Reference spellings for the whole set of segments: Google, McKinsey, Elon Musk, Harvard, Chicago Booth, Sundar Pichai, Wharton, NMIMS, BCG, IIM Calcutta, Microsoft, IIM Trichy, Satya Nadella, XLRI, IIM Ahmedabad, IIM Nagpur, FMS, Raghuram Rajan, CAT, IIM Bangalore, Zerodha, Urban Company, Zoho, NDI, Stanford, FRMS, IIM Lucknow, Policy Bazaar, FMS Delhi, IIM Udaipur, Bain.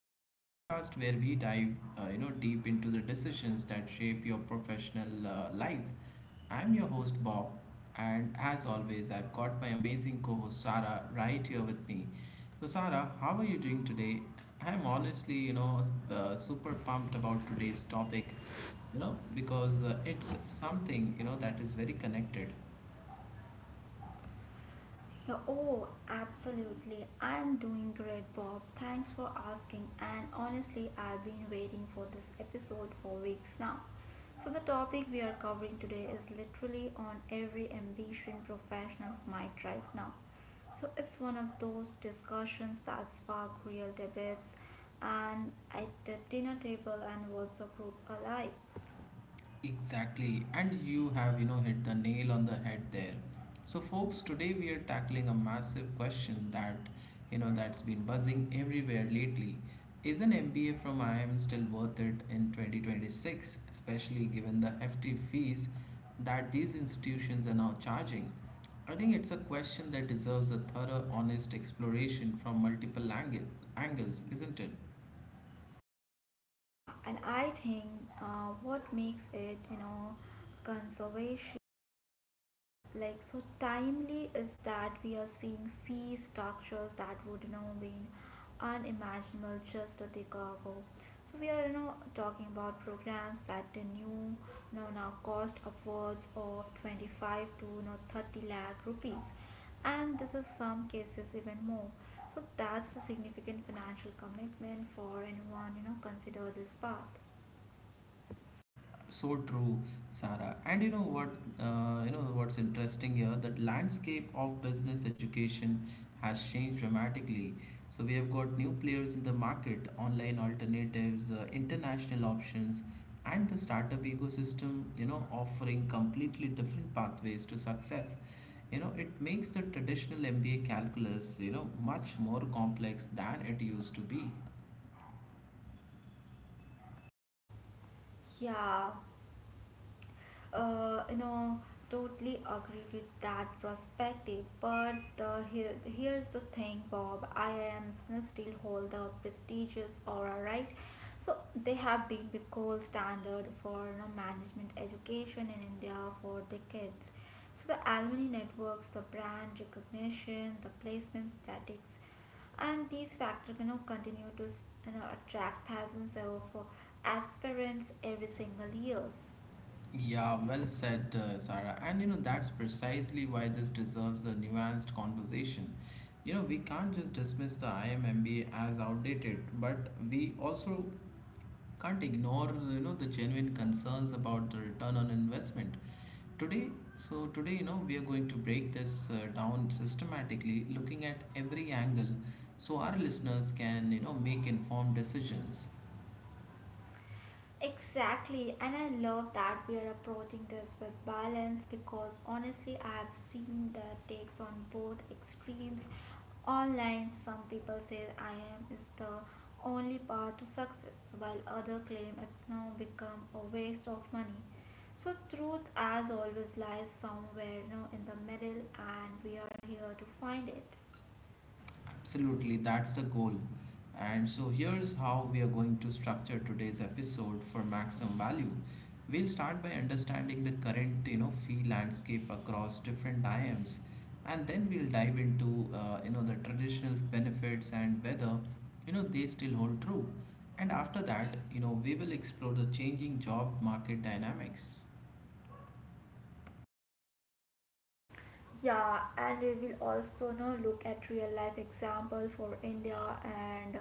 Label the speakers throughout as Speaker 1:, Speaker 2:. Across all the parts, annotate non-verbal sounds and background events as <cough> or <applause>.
Speaker 1: So the podcast where we dive, deep into the decisions that shape your professional life. I'm your host Bob, and as always, I've got my amazing co-host Sarah right here with me. So, Sarah, how are you doing today? I'm honestly, super pumped about today's topic, because it's something that is very connected.
Speaker 2: Yeah, oh, absolutely. I'm doing great, Bob. Thanks for asking. And honestly, I've been waiting for this episode for weeks now. So, the topic we are covering today is literally on every ambition professionals might right now. So, it's one of those discussions that spark real debates and at the dinner table and WhatsApp group alike.
Speaker 1: Exactly, and you have, you know, hit the nail on the head there. So, folks, today we are tackling a massive question that, that's been buzzing everywhere lately. Is an MBA from IIM still worth it in 2026, especially given the hefty fees that these institutions are now charging? I think it's a question that deserves a thorough, honest exploration from multiple angles, isn't it?
Speaker 2: Yeah, and I think what makes it, conservation like so timely is that we are seeing fee structures that would been unimaginable just a decade ago. So we are talking about programs that the new now cost upwards of 25 to 30 lakh rupees, and this is some cases even more. So that's a significant financial commitment for anyone consider this path.
Speaker 1: So true, Sarah. And you know what's interesting here? That landscape of business education has changed dramatically. So we have got new players in the market, online alternatives, international options, and the startup ecosystem, you know, offering completely different pathways to success. You know, it makes the traditional MBA calculus much more complex than it used to be.
Speaker 2: Yeah, uh, you know totally agree with that perspective. But the here's the thing, Bob. I am, still hold the prestigious aura, right? So they have been the gold standard for management education in India for decades. So the alumni networks, the brand recognition, the placement statistics, and these factors continue to attract thousands of aspirants every single years.
Speaker 1: Yeah, well said, Sarah. And you know, that's precisely why this deserves a nuanced conversation. You know, we can't just dismiss the IMMBA as outdated, but we also can't ignore, you know, the genuine concerns about the return on investment. Today, so today, you know, we are going to break this down systematically, looking at every angle so our listeners can, you know, make informed decisions.
Speaker 2: Exactly, and I love that we are approaching this with balance, because honestly, I have seen the takes on both extremes. Online, some people say I am is the only path to success, while others claim it's now become a waste of money. So truth, as always, lies somewhere in the middle, and we are here to find it.
Speaker 1: Absolutely, that's the goal. And so here's how we are going to structure today's episode for maximum value. We'll start by understanding the current, you know, fee landscape across different IMs, and then we'll dive into, the traditional benefits and whether, you know, they still hold true. And after that, you know, we will explore the changing job market dynamics.
Speaker 2: Yeah, and we will also now look at real life example for India and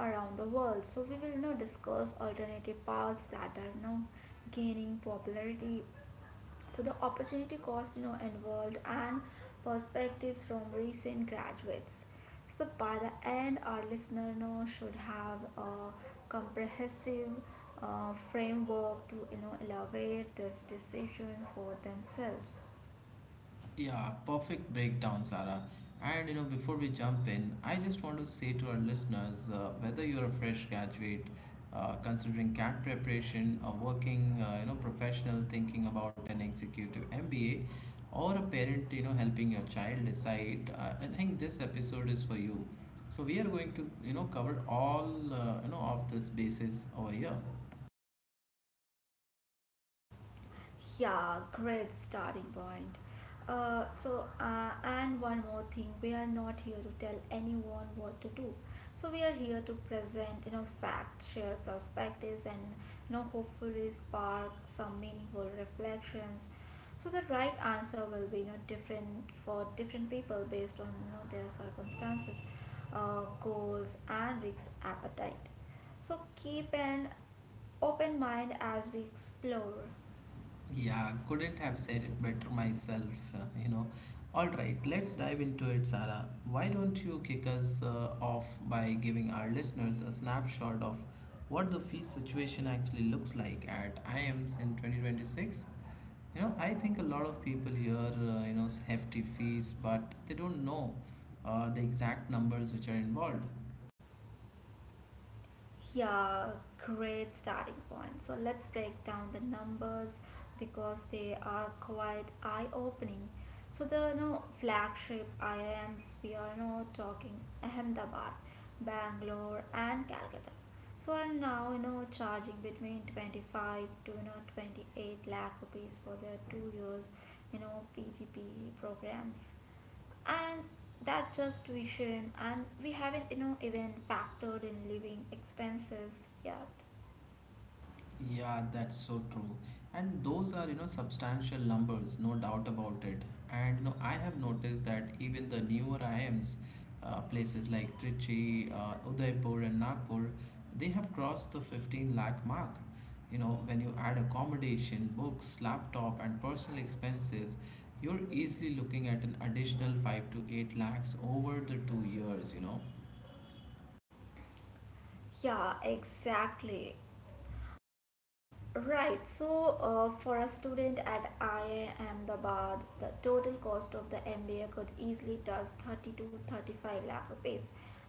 Speaker 2: around the world. So we will now discuss alternative paths that are now gaining popularity. So the opportunity cost involved, and perspectives from recent graduates. By the end, our listener now should have a comprehensive framework to elevate this decision for themselves.
Speaker 1: Yeah, perfect breakdown, Sarah. And you know, before we jump in, I just want to say to our listeners, whether you're a fresh graduate, considering CAT preparation, a working, professional thinking about an executive MBA, or a parent, you know, helping your child decide, I think this episode is for you. So we are going to, cover all of this basis over here.
Speaker 2: Yeah, great starting point. And one more thing, we are not here to tell anyone what to do. So we are here to present, facts, share perspectives, and hopefully spark some meaningful reflections. So the right answer will be, different for different people based on their circumstances, goals, and risk appetite. So keep an open mind as we explore.
Speaker 1: Yeah, couldn't have said it better myself, All right, let's dive into it, Sarah. Why don't you kick us off by giving our listeners a snapshot of what the fees situation actually looks like at IMs in 2026? You know, I think a lot of people hear, you know, hefty fees, but they don't know the exact numbers which are involved.
Speaker 2: Yeah, great starting point. So let's break down the numbers, because they are quite eye-opening. So the flagship IIMs we are talking Ahmedabad, Bangalore, and Calcutta. So are now charging between 25 to 28 lakh rupees for their 2 years PGP programs, and that just vision, and we haven't even factored in living expenses yet.
Speaker 1: Yeah, that's so true. And those are, you know, substantial numbers, no doubt about it. And, you know, I have noticed that even the newer IMs, places like Trichy, Udaipur, and Nagpur, they have crossed the 15 lakh mark. You know, when you add accommodation, books, laptop, and personal expenses, you're easily looking at an additional 5 to 8 lakhs over the 2 years, you know.
Speaker 2: Yeah, exactly. Right, so for a student at IIM Dabad, the total cost of the MBA could easily touch 30 to 35 lakh rupees,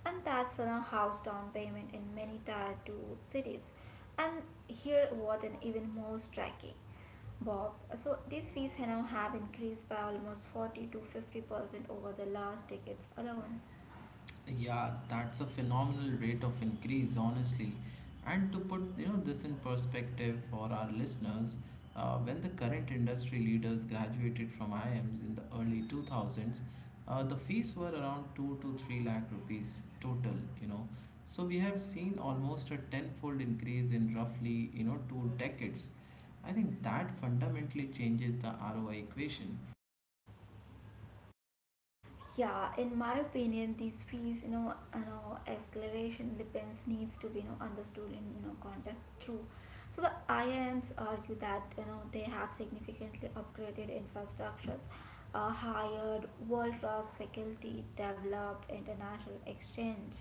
Speaker 2: and that's on a house down payment in many tier 2 cities. And here, what an even more striking, Bob. So, these fees now have increased by almost 40 to 50% over the last decades alone.
Speaker 1: Yeah, that's a phenomenal rate of increase, honestly. And to put this in perspective for our listeners, when the current industry leaders graduated from IIMs in the early 2000s, the fees were around 2 to 3 lakh rupees total. You know, so we have seen almost a tenfold increase in roughly two decades. I think that fundamentally changes the ROI equation.
Speaker 2: Yeah, in my opinion, these fees, acceleration depends needs to be, understood in, context too. So the IIMs argue that, they have significantly upgraded infrastructures, hired world-class faculty, developed international exchange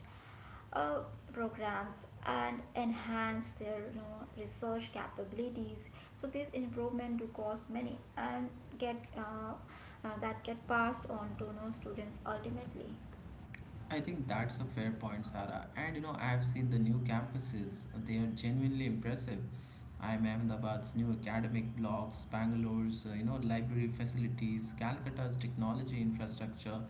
Speaker 2: uh, programs, and enhance their research capabilities. So this improvement do cost money and get that get passed on to students ultimately.
Speaker 1: I think that's a fair point, Sarah. And you know, I've seen the new campuses, they are genuinely impressive. I'm Ahmedabad's new academic blocks, Bangalore's, library facilities, Calcutta's technology infrastructure.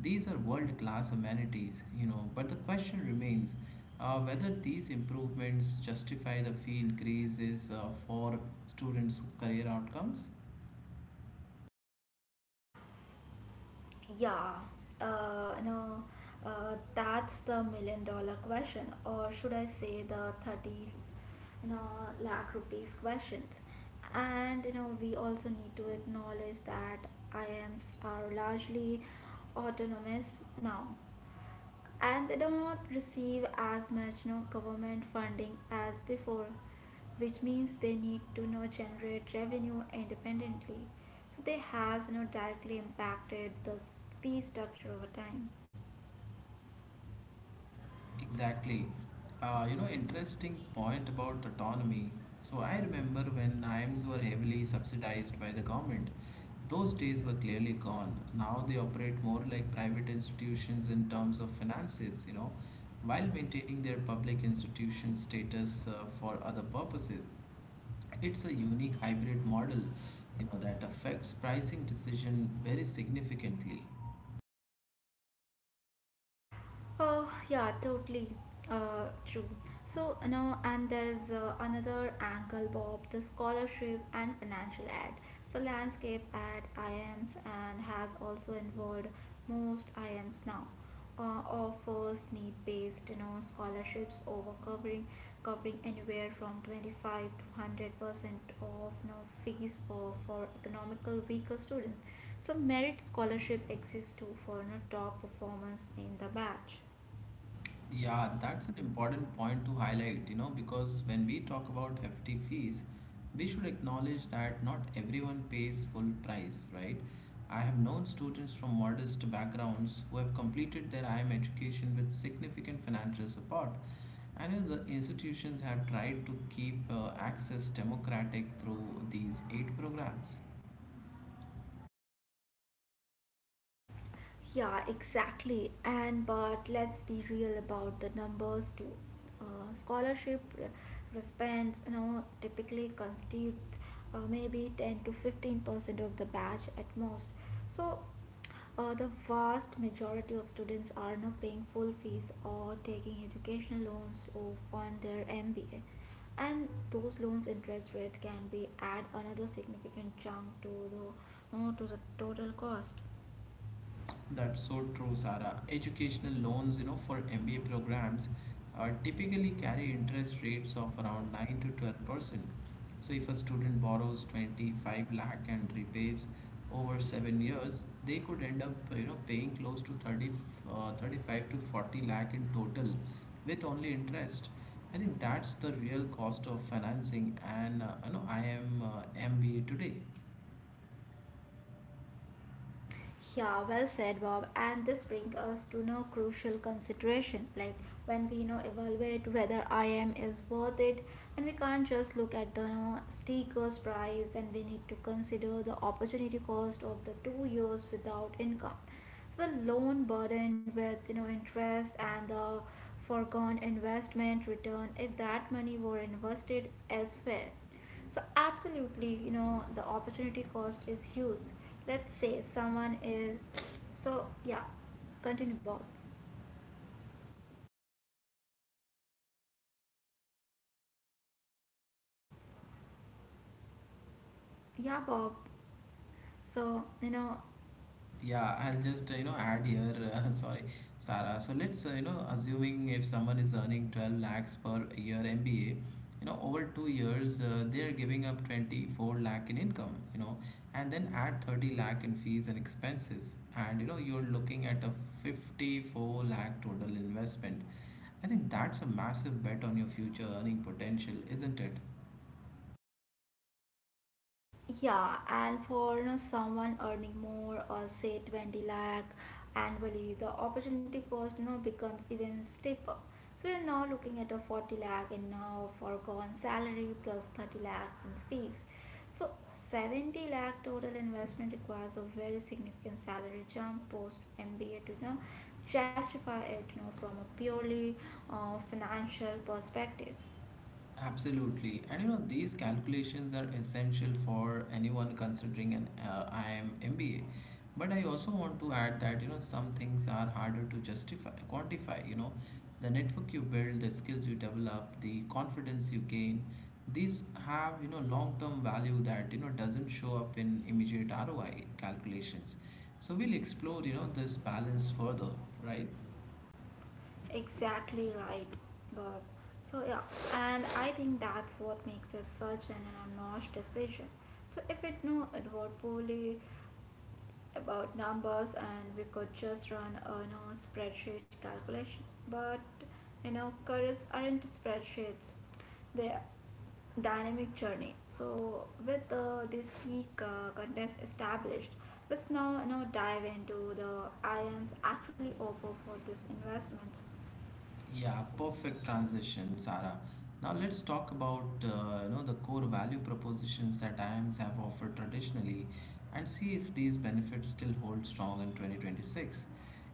Speaker 1: These are world class amenities, you know. But the question remains whether these improvements justify the fee increases for students' career outcomes.
Speaker 2: Yeah, no, that's the million dollar question, or should I say the 30, you know, lakh rupees questions. And, we also need to acknowledge that I IMs are largely autonomous now, and they do not receive as much government funding as before, which means they need to generate revenue independently. So they has directly impacted the fee structure over time.
Speaker 1: Exactly. You know, interesting point about autonomy. So I remember when IIMs were heavily subsidized by the government. Those days were clearly gone. Now they operate more like private institutions in terms of finances, you know, while maintaining their public institution status for other purposes. It's a unique hybrid model, you know, that affects pricing decision very significantly.
Speaker 2: Oh, yeah, totally true. So, and there's another angle, Bob, the scholarship and financial ad. So, landscape ad IMs and has also involved most IMs now. Offers need-based, scholarships over covering anywhere from 25 to 100% of fees for economical weaker students. So merit scholarship exists too for top performers in the batch.
Speaker 1: Yeah, that's an important point to highlight, you know, because when we talk about hefty fees, we should acknowledge that not everyone pays full price, right? I have known students from modest backgrounds who have completed their IM education with significant financial support, and you know, the institutions have tried to keep access democratic through these eight programs.
Speaker 2: Yeah, exactly. And but let's be real about the numbers too. Scholarship recipients, typically constitute maybe 10 to 15% of the batch at most. So, the vast majority of students are not paying full fees or taking educational loans to fund their MBA. And those loans interest rates can be add another significant chunk to the, to the total cost.
Speaker 1: That's so true, Sara. Educational loans, you know, for MBA programs typically carry interest rates of around 9 to 12%. So if a student borrows 25 lakh and repays over 7 years, they could end up, you know, paying close to 35 to 40 lakh in total with only interest. I think that's the real cost of financing and, I am MBA today.
Speaker 2: Yeah, well said, Bob. And this brings us to no crucial consideration, like when we evaluate whether I am is worth it, and we can't just look at the sticker's price, and we need to consider the opportunity cost of the 2 years without income. So the loan burdened with interest, and the foregone investment return if that money were invested elsewhere. So absolutely, the opportunity cost is huge. Let's say someone is. So, yeah, continue, Bob. Yeah, Bob. So,
Speaker 1: Yeah, I'll just add here. <laughs> Sorry, Sarah. So let's assuming if someone is earning 12 lakhs per year MBA, you know over 2 years they are giving up 24 lakh in income. You know, and then add 30 lakh in fees and expenses, and you know you're looking at a 54 lakh total investment. I think that's a massive bet on your future earning potential, isn't it?
Speaker 2: yeah, and for someone earning more, or say 20 lakh annually, the opportunity cost becomes even steeper. So you're now looking at a 40 lakh and now foregone salary plus 30 lakh in fees. So 70 lakh total investment requires a very significant salary jump post MBA to justify it, from a purely financial perspective.
Speaker 1: Absolutely. And you know, these calculations are essential for anyone considering an IIM MBA. But I also want to add that, you know, some things are harder to quantify, you know, the network you build, the skills you develop, the confidence you gain. These have, you know, long-term value that, you know, doesn't show up in immediate ROI calculations. So we'll explore, you know, this balance further, right?
Speaker 2: Exactly right, Bob. So, yeah, and I think that's what makes this such an unannounced decision. So if it knew it were poorly about numbers, and we could just run a spreadsheet calculation. But, careers aren't spreadsheets. They are dynamic journey. So with this week contest established, let's now dive into the IAMs actually offer for this investment.
Speaker 1: Yeah, perfect transition, Sarah. Now let's talk about the core value propositions that IIMs have offered traditionally, and see if these benefits still hold strong in 2026.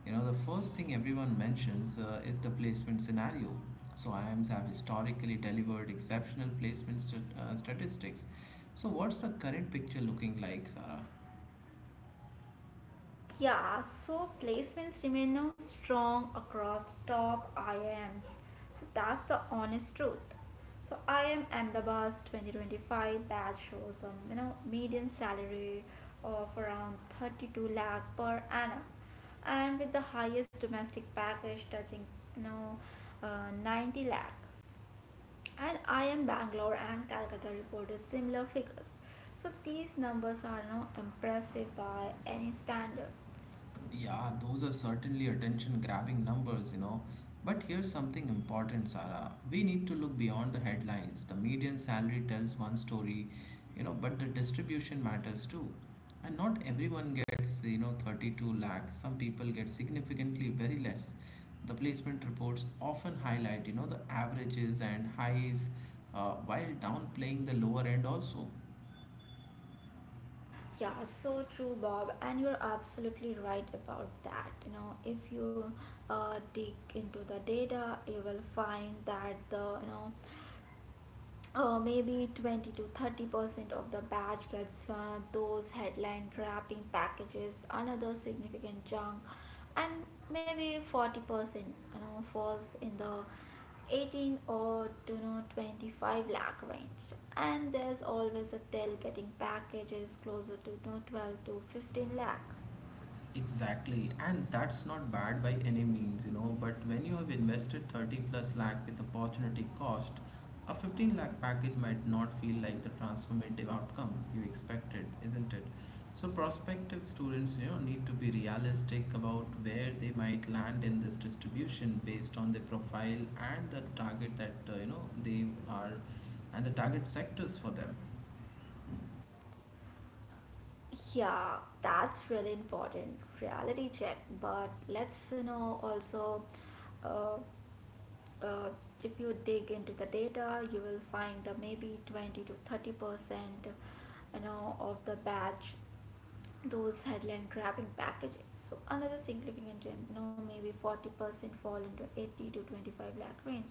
Speaker 1: You know, the first thing everyone mentions is the placement scenario. So IIMs have historically delivered exceptional placement statistics. So what's the current picture looking like, Sarah?
Speaker 2: Yeah, so placements remain now strong across top IIMs. So that's the honest truth. So IIM Ahmedabad's 2025 batch shows a median salary of around 32 lakh per annum, and with the highest domestic package touching you know 90 lakh. And IIM Bangalore and Calcutta reported similar figures. So these numbers are now impressive by any standards.
Speaker 1: Yeah, those are certainly attention grabbing numbers, you know. But here's something important, Sarah. We need to look beyond the headlines. The median salary tells one story, you know, but the distribution matters too. And not everyone gets, you know, 32 lakhs. Some people get significantly very less. The placement reports often highlight, you know, the averages and highs while downplaying the lower end also.
Speaker 2: Yeah, so true, Bob, and you're absolutely right about that. If you dig into the data, you will find that the maybe 20 to 30% of the batch gets those headline wrapping packages, another significant chunk, and maybe 40% falls in the 18 or to 25 lakh range, and there's always a tail getting packages closer to, 12 to 15 lakh.
Speaker 1: Exactly, and that's not bad by any means, you know. But when you have invested 30 plus lakh with opportunity cost, a 15 lakh package might not feel like the transformative outcome you expected, isn't it? So prospective students, you know, need to be realistic about where they might land in this distribution based on their profile and the target that you know they are and the target sectors for them.
Speaker 2: Yeah, that's really important reality check. But let's also, uh, uh, if you dig into the data, you will find that maybe 20 to 30% of the batch those headline grabbing packages. So another significant trend, maybe 40% fall into 80 to 25 lakh range.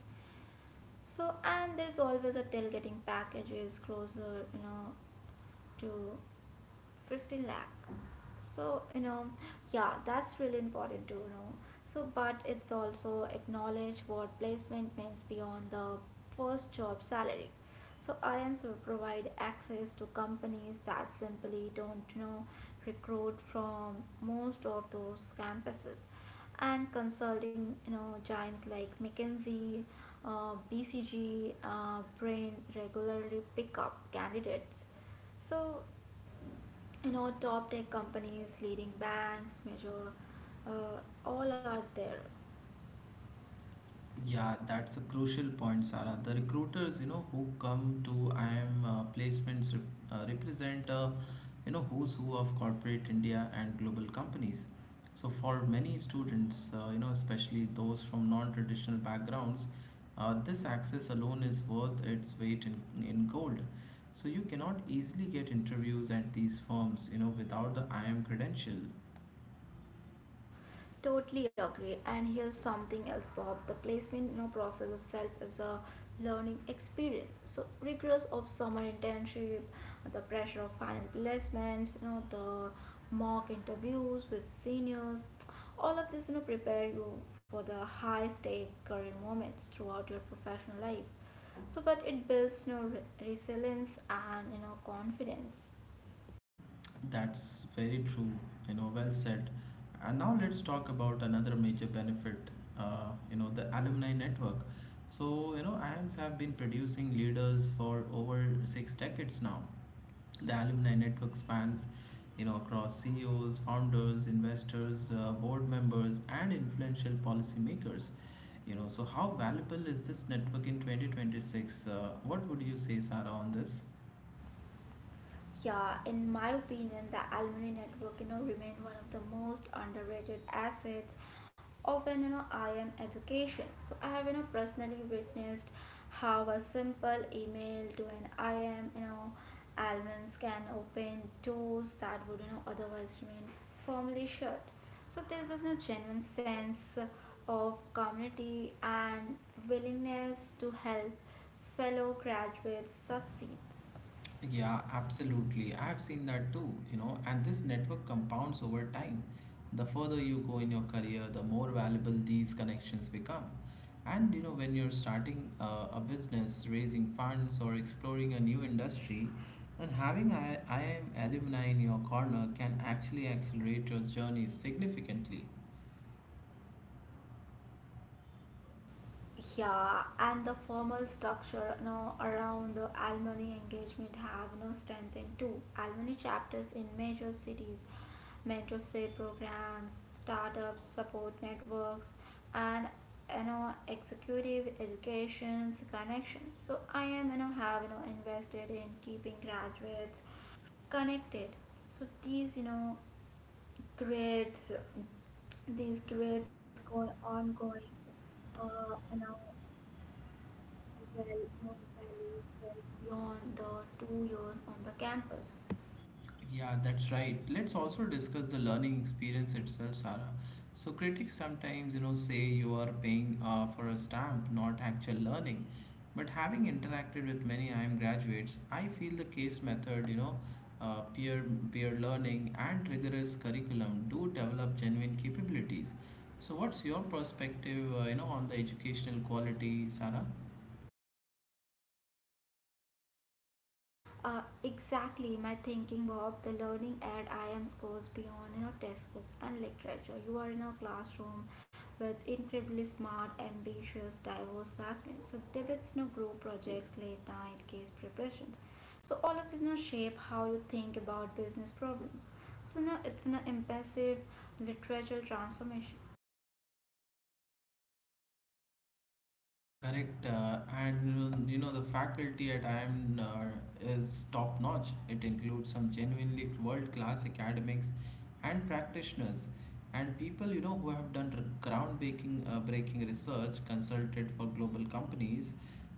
Speaker 2: So and there's always a tailgating packages closer, to 15 lakh. So, yeah, that's really important to know. So but it's also acknowledge what placement means beyond the first job salary. So INs will provide access to companies that simply don't recruit from most of those campuses. And consulting giants like McKinsey, BCG, Brain regularly pick up candidates. So, top tech companies, leading banks, major, all are there.
Speaker 1: Yeah, that's a crucial point, Sarah. The recruiters, you know, who come to IIM represent, you know, who's who of corporate India and global companies. So for many students, especially those from non-traditional backgrounds, this access alone is worth its weight in gold. So you cannot easily get interviews at these firms, you know, without the IIM credential.
Speaker 2: Totally agree. And here's something else, Bob. The placement, process itself is a learning experience. So rigors of summer internship, the pressure of final placements, the mock interviews with seniors, all of this prepare you for the high stake career moments throughout your professional life. So but it builds resilience and confidence.
Speaker 1: That's very true, you know, well said. And now let's talk about another major benefit, you know, the alumni network. So, you know, IAMS have been producing leaders for over 6 decades now. The alumni network spans, you know, across CEOs, founders, investors, board members, and influential policymakers. You know, so how valuable is this network in 2026? What would you say, Sarah, on this?
Speaker 2: Yeah, in my opinion, the alumni network, remain one of the most underrated assets of an IM education. So I have personally witnessed how a simple email to an IM, alumnus can open doors that would otherwise remain firmly shut. So there's this genuine sense of community and willingness to help fellow graduates succeed.
Speaker 1: Yeah, absolutely. I have seen that too, you know, and this network compounds over time. The further you go in your career, the more valuable these connections become. And you know, when you're starting a business, raising funds, or exploring a new industry, then having I am alumni in your corner can actually accelerate your journey significantly.
Speaker 2: Yeah, and the formal structure now around the Almani engagement have now strengthened too. Almani chapters in major cities, mentorship programs, startups, support networks, and executive educations connections. So I am have invested in keeping graduates connected. So these grades, these grades go ongoing. Uh, you know well-known values well beyond the 2 years on the campus.
Speaker 1: Yeah, that's right. Let's also discuss the learning experience itself, Sarah. So critics sometimes, you know, say you are paying for a stamp, not actual learning. But having interacted with many IIM graduates, I feel the case method, uh, peer peer learning and rigorous curriculum do develop genuine capabilities. So what's your perspective, on the educational quality, Sarah?
Speaker 2: Exactly my thinking, Bob. The learning at IMS goes beyond textbooks and literature. You are in a classroom with incredibly smart, ambitious, diverse classmates. So debates, group projects, late night case preparations. So all of this shape how you think about business problems. So now it's an impressive literature transformation.
Speaker 1: Correct, and you know the faculty at IIM is top notch. It includes some genuinely world class academics and practitioners, and people who have groundbreaking breaking research, consulted for global companies,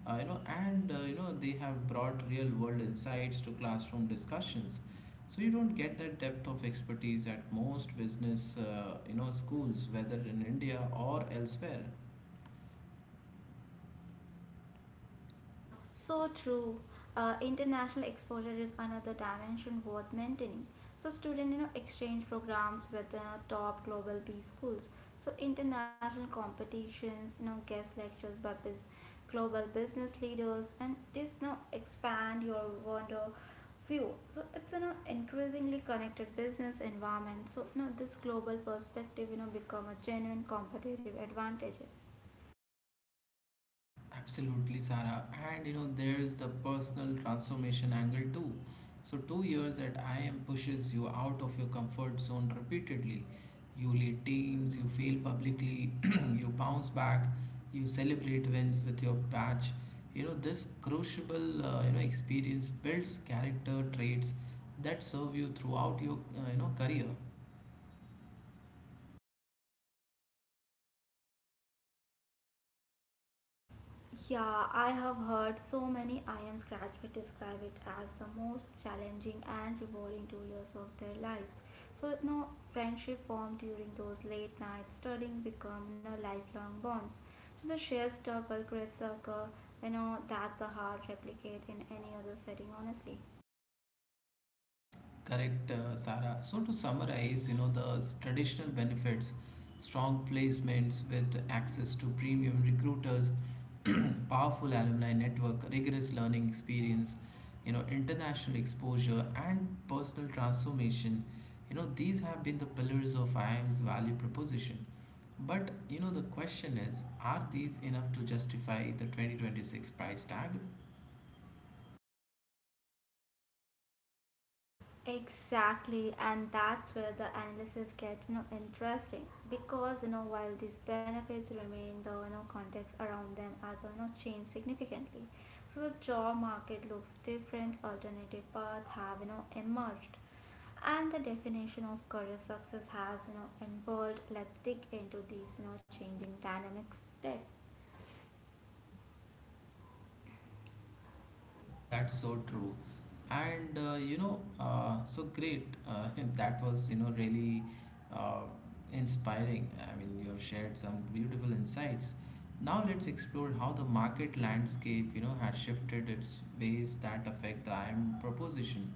Speaker 1: and they have brought real world insights to classroom discussions. So you don't get that depth of expertise at most business schools, whether in India or elsewhere.
Speaker 2: Uh, so true. International exposure is another dimension worth maintaining. So student, exchange programs with top global B schools. So international competitions, guest lectures by global business leaders, and this expand your wonder view. So it's an increasingly connected business environment. So this global perspective, become a genuine competitive advantages.
Speaker 1: Absolutely, Sarah. There's the personal transformation angle too. So 2 years at IM pushes you out of your comfort zone repeatedly. You lead teams, you fail publicly, <clears throat> you bounce back, you celebrate wins with your patch. This crucible, experience builds character traits that serve you throughout your career.
Speaker 2: Yeah, I have heard so many I am graduates describe it as the most challenging and rewarding 2 years of their lives. So no friendship formed during those late nights studying become lifelong bonds. So the sheer struggle creates a that's a hard replicate in any other setting honestly.
Speaker 1: Correct, Sara. So to summarize, traditional benefits, strong placements with access to premium recruiters, <clears throat> powerful alumni network, rigorous learning experience, international exposure and personal transformation. These have been the pillars of IIM's value proposition. But the question is, are these enough to justify the 2026 price tag?
Speaker 2: Exactly, and that's where the analysis gets interesting because while these benefits remain, the context around them as changed significantly. So the job market looks different. Alternative paths have emerged, and the definition of career success has involved. Let's dig into these changing dynamics today.
Speaker 1: That's so true. And you know, so great. <laughs> That was, you know, really uh, inspiring. I mean, you've shared some beautiful insights. Now let's explore how the market landscape, has shifted its ways that affect the IM proposition.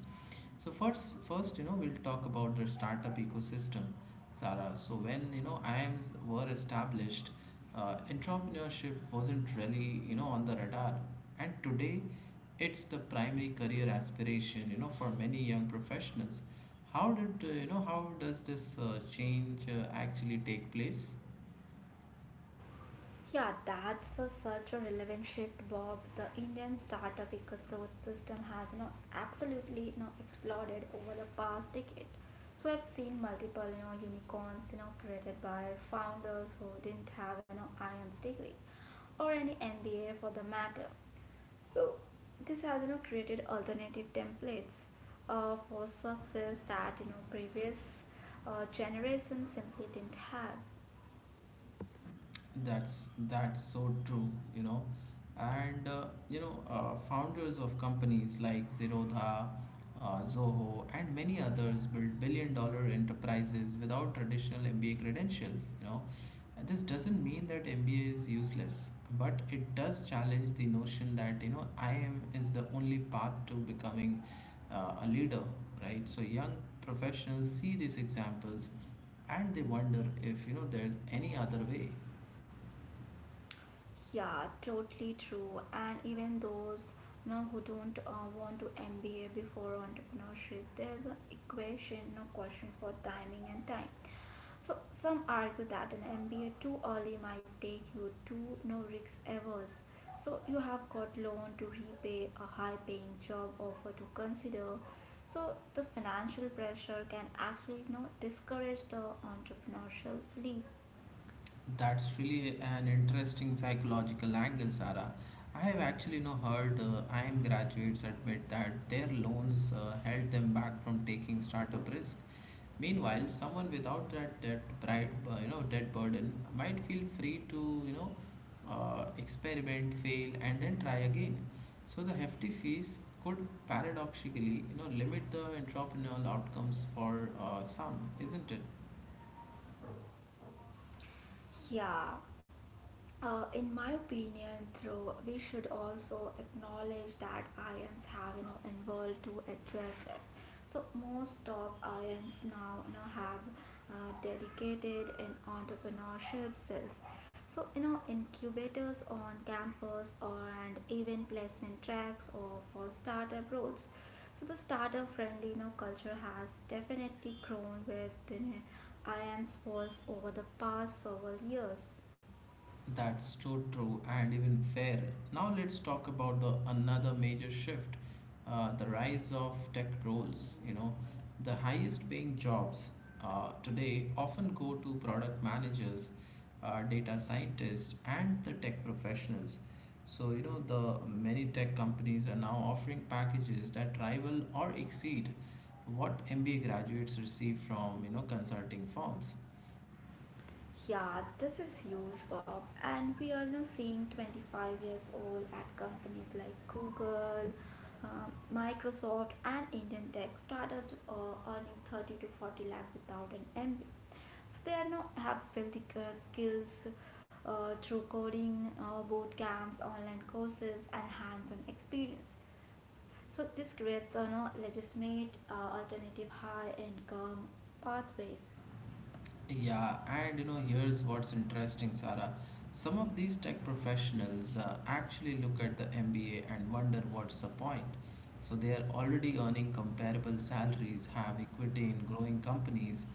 Speaker 1: So first, we'll talk about the startup ecosystem, Sarah. So when, IIMs were established, entrepreneurship wasn't really, on the radar. And today, it's the primary career aspiration, for many young professionals. How did, you know, how does this change actually take place?
Speaker 2: Yeah, that's a, such a relevant shift, Bob. The Indian startup ecosystem has absolutely exploded over the past decade. So I've seen multiple unicorns created by founders who didn't have an IMS degree or any MBA for the matter. So this has created alternative templates for success that previous generations simply didn't have.
Speaker 1: That's so true, you know. And founders of companies like Zerodha, Zoho, and many others build billion-dollar enterprises without traditional MBA credentials. And this doesn't mean that MBA is useless, but it does challenge the notion that I am is the only path to becoming a leader, right? So young professionals see these examples and they wonder if there's any other way.
Speaker 2: Yeah, totally true. And even those who don't want to MBA before entrepreneurship, there's an equation, no question for timing and time. So some argue that an MBA too early might take you to no risk averse. So you have got loan to repay, a high-paying job offer to consider. So the financial pressure can actually discourage the entrepreneurial leap.
Speaker 1: That's really an interesting psychological angle, Sarah. I have actually now heard IM graduates admit that their loans held them back from taking startup risk. Meanwhile, someone without that debt, debt burden might feel free to experiment, fail, and then try again. So the hefty fees could paradoxically limit the entrepreneurial outcomes for some, isn't it?
Speaker 2: Yeah, in my opinion, though, we should also acknowledge that IMs have involved to address it. So most top IMs now have dedicated in entrepreneurship cells. So incubators on campus and even placement tracks or for startup roles. So the startup friendly culture has definitely grown within IMs walls over the past several years.
Speaker 1: That's so true and even fair. Now let's talk about the another major shift, the rise of tech roles. The highest paying jobs today often go to product managers, data scientists, and the tech professionals. So the many tech companies are now offering packages that rival or exceed what MBA graduates receive from consulting firms.
Speaker 2: Yeah, this is huge, Bob. And we are now seeing 25 years old at companies like Google, Microsoft, and Indian tech startups earning 30 to 40 lakh without an MBA. So they are now have built the, skills through coding, boot camps, online courses, and hands-on experience. So this creates a legitimate alternative high-income pathways.
Speaker 1: Yeah, and here's what's interesting, Sarah. Some of these tech professionals actually look at the MBA and wonder what's the point. So they are already earning comparable salaries, have equity in growing companies,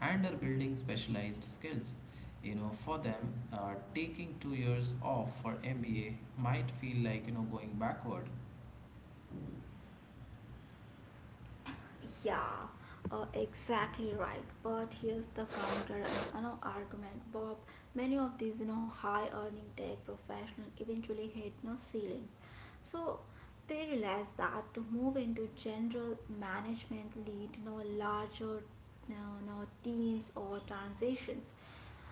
Speaker 1: and are building specialized skills. For them, taking 2 years off for MBA might feel like, going backward.
Speaker 2: Yeah, exactly right. But here's the counter argument, Bob. Many of these high-earning tech professionals eventually hit no ceilings, so they realize that to move into general management, lead larger no, no teams or transitions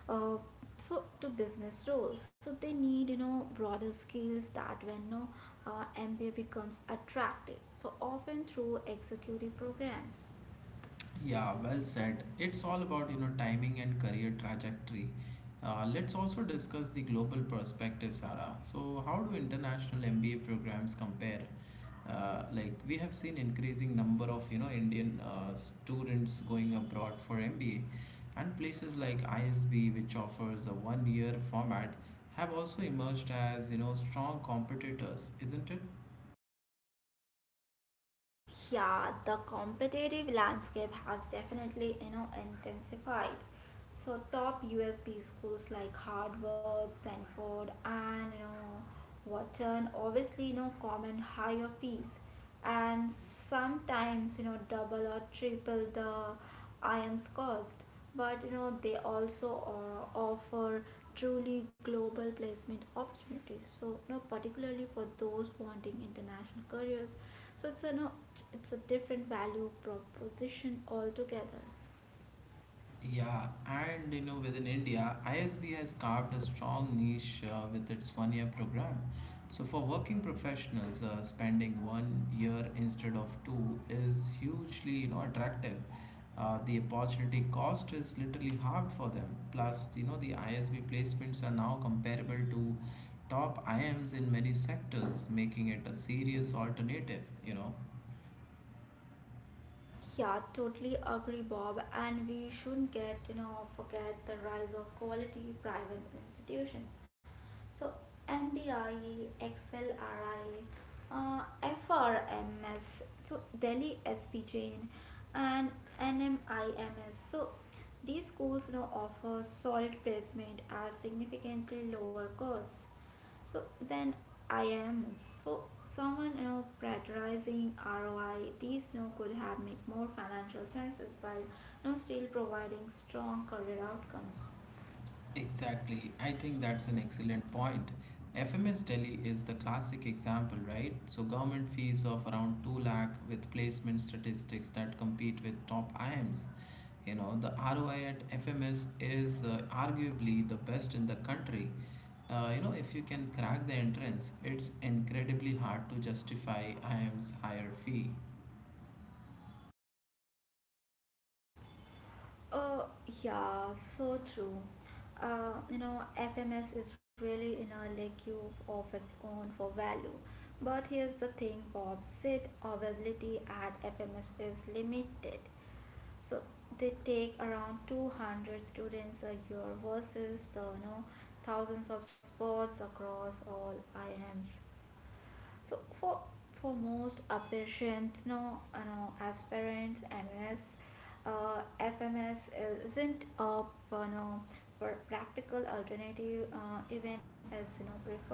Speaker 2: uh, so to business roles so they need broader skills that when no mba becomes attractive so often through executive programs.
Speaker 1: Yeah, well said. It's all about, timing and career trajectory. Let's also discuss the global perspective, Sarah. So how do international MBA programs compare? We have seen increasing number of, Indian students going abroad for MBA, and places like ISB, which offers a one-year format, have also emerged as, strong competitors, isn't it?
Speaker 2: Yeah, the competitive landscape has definitely, intensified. So top USB schools like Harvard, Stanford, and Wharton obviously command higher fees, and sometimes double or triple the IM's cost but they also offer truly global placement opportunities so particularly for those wanting international careers so it's a no, it's a different value proposition altogether.
Speaker 1: Yeah, and within India, ISB has carved a strong niche with its 1-year program. So for working professionals, spending 1 year instead of two is hugely attractive. The opportunity cost is literally halved for them. Plus, the ISB placements are now comparable to top IMs in many sectors, making it a serious alternative,
Speaker 2: Yeah, totally agree, Bob, and we shouldn't get forget the rise of quality private institutions. So NDI, XLRI, uh, FRMS, so Delhi SPJN and NMIMS. So these schools now offer solid placement at significantly lower costs. So then IMs. So someone prioritizing ROI, these could have made more financial senses while still providing strong career outcomes.
Speaker 1: Exactly. I think that's an excellent point. FMS Delhi is the classic example, right? So government fees of around 2 lakh with placement statistics that compete with top IIMs. The ROI at FMS is arguably the best in the country. If you can crack the entrance, it's incredibly hard to justify IIM's higher fee.
Speaker 2: Oh, yeah, so true. FMS is really in a league of its own for value. But here's the thing, Bob, seat availability at FMS is limited. So they take around 200 students a year versus the, thousands of spots across all IMs. So for most patients, no, no, aspirants, MS, FMS isn't a no, practical alternative, even as preferred.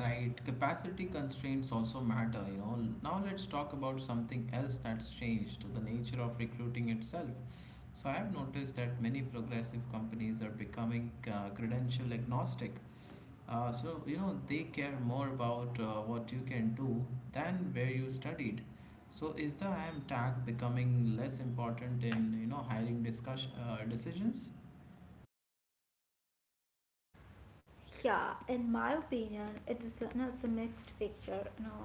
Speaker 1: Right, capacity constraints also matter, Now let's talk about something else that's changed the nature of recruiting itself. So I have noticed that many progressive companies are becoming credential agnostic. So they care more about what you can do than where you studied. So is the I am tag becoming less important in, hiring decisions?
Speaker 2: Yeah, in my opinion, it's a mixed picture. No,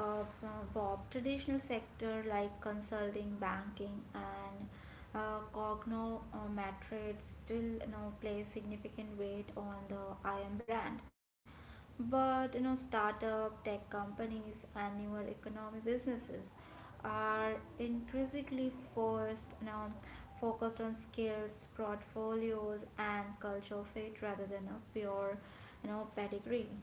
Speaker 2: Bob, traditional sector like consulting, banking, and cognometrics still play significant weight on the IM brand, but startup tech companies and newer economic businesses are increasingly first now focused on skills, portfolios, and culture fit rather than a pure, pedigree.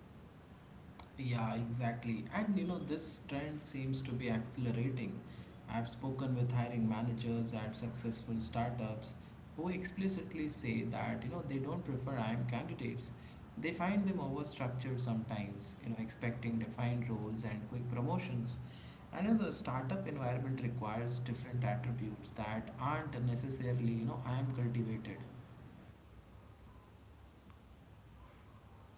Speaker 1: Yeah, exactly. And this trend seems to be accelerating. I've spoken with hiring managers at successful startups who explicitly say that, they don't prefer IM candidates. They find them overstructured sometimes, expecting defined roles and quick promotions. And the startup environment requires different attributes that aren't necessarily, IM cultivated.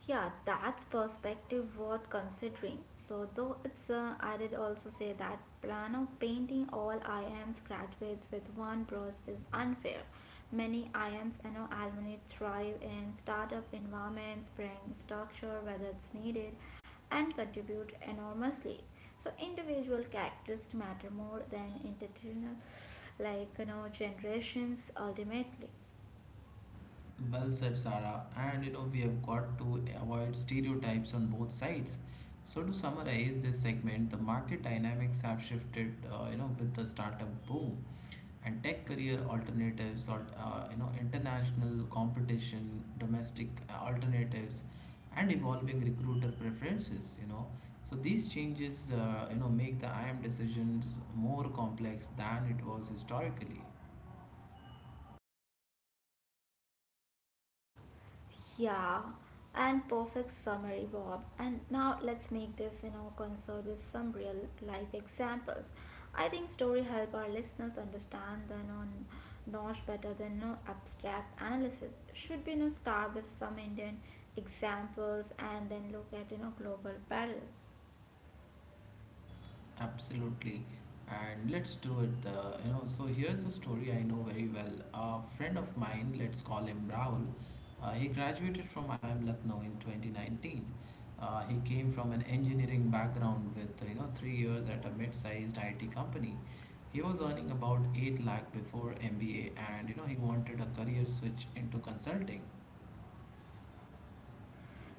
Speaker 2: Yeah, that's perspective worth considering. I did also say that plan of painting all IMs graduates with one brush is unfair. Many IMs and alumni thrive in startup environments, bring structure whether it's needed, and contribute enormously. So individual characteristics matter more than institutional, like generations ultimately.
Speaker 1: Well said, Sarah. And we have got to avoid stereotypes on both sides. So to summarize this segment, the market dynamics have shifted, with the startup boom and tech career alternatives or, international competition, domestic alternatives, and evolving recruiter preferences, So these changes, make the IM decisions more complex than it was historically.
Speaker 2: Yeah, and perfect summary, Bob. And now let's make this, concert with some real life examples. I think story help our listeners understand the non Nosh better than no abstract analysis. Should be no start with some Indian examples and then look at global parallels.
Speaker 1: Absolutely, and let's do it. Here's a story I know very well. A friend of mine, let's call him Rahul, he graduated from IIM Lucknow in 2019. He came from an engineering background with 3 years at a mid-sized IT company. He was earning about 8 lakh before MBA, and he wanted a career switch into consulting.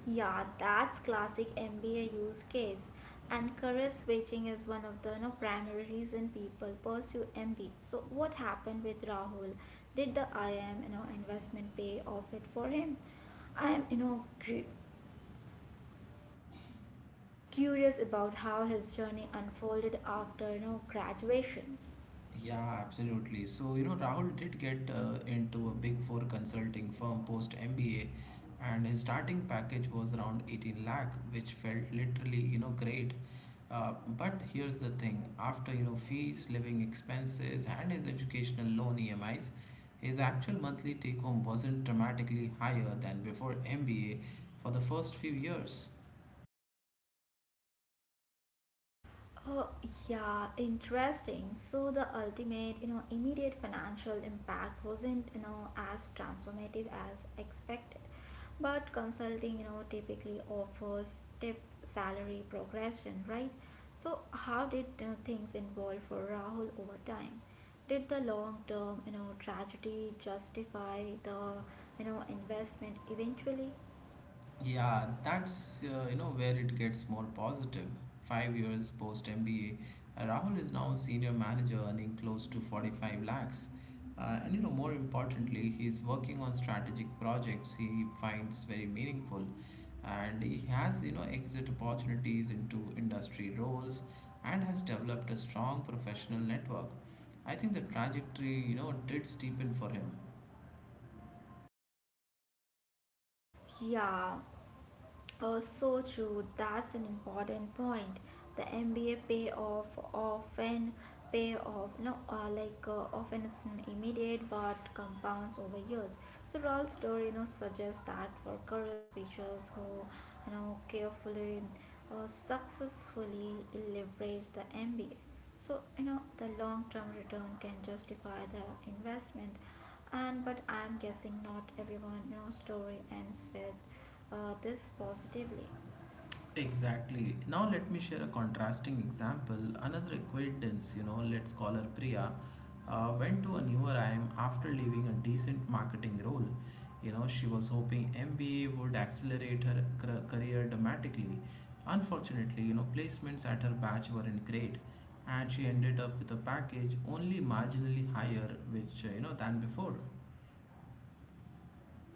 Speaker 2: Yeah, that's classic MBA use case. And career switching is one of the primary reason people pursue MBA. So what happened with Rahul? Did the IM investment pay off it for him? I am you know cur- curious about how his journey unfolded after graduations.
Speaker 1: Yeah, absolutely. So, Rahul did get into a big four consulting firm post MBA, and his starting package was around 18 lakh, which felt literally, great. But here's the thing after, fees, living expenses, and his educational loan EMIs, his actual monthly take home wasn't dramatically higher than before MBA for the first few years.
Speaker 2: Oh, yeah, interesting. So the ultimate, immediate financial impact wasn't, as transformative as expected. But consulting, typically offers tip salary progression, right? So how did things evolve for Rahul over time? Did the long-term, tragedy justify the, investment eventually?
Speaker 1: Yeah, that's where it gets more positive. 5 years post MBA, Rahul is now a senior manager earning close to 45 lakhs. More importantly, he's working on strategic projects he finds very meaningful, and he has exit opportunities into industry roles, and has developed a strong professional network. I think the trajectory did steepen for him.
Speaker 2: Yeah, so true. That's an important point. The MBA payoff often pay off, no, like often it's an immediate but compounds over years. So Rolls story, suggests that for career switchers who, carefully, successfully leverage the MBA. So the long-term return can justify the investment and but I'm guessing not everyone story ends with this positively.
Speaker 1: Exactly. Now let me share a contrasting example. Another acquaintance, let's call her Priya, went to a newer IIM after leaving a decent marketing role. She was hoping MBA would accelerate career dramatically. Unfortunately, placements at her batch weren't great, and she ended up with a package only marginally higher, than before.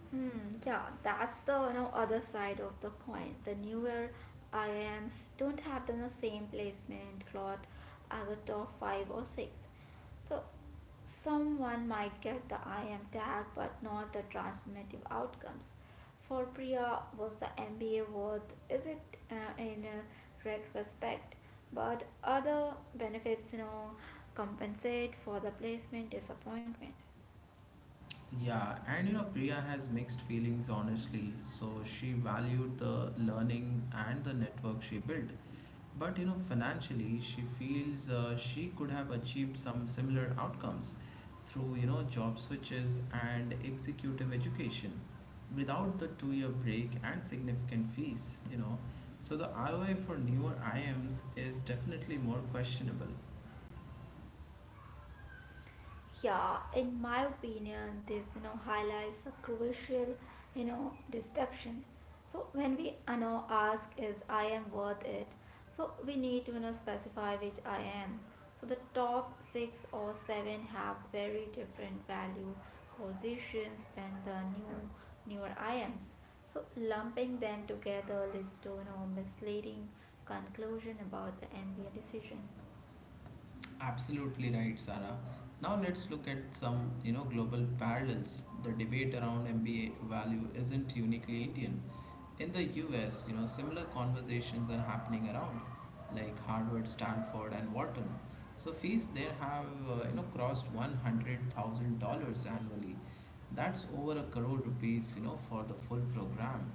Speaker 2: Hmm, yeah, that's the other side of the coin. The newer RIMs don't have the same placement cloth as the top 5 or 6. So someone might get the IM tag but not the transformative outcomes. For Priya, was the MBA worth? Is it in retrospect? But other benefits, compensate for the placement disappointment.
Speaker 1: Yeah, and Priya has mixed feelings honestly. So she valued the learning and the network she built. But financially, she feels she could have achieved some similar outcomes through job switches and executive education without the 2 year break and significant fees, So the ROI for newer IMs is definitely more questionable.
Speaker 2: Yeah, in my opinion, this highlights a crucial distinction. So when we ask is I am worth it, so we need to specify which I am. So the top 6 or 7 have very different value positions than the newer I am. So lumping them together leads to misleading conclusion about the ambient decision.
Speaker 1: Absolutely right, Sarah. Now let's look at some, global parallels. The debate around MBA value isn't uniquely Indian. In the US, similar conversations are happening around, like Harvard, Stanford, and Wharton. So fees there have, crossed $100,000 annually. That's over a crore rupees, for the full program.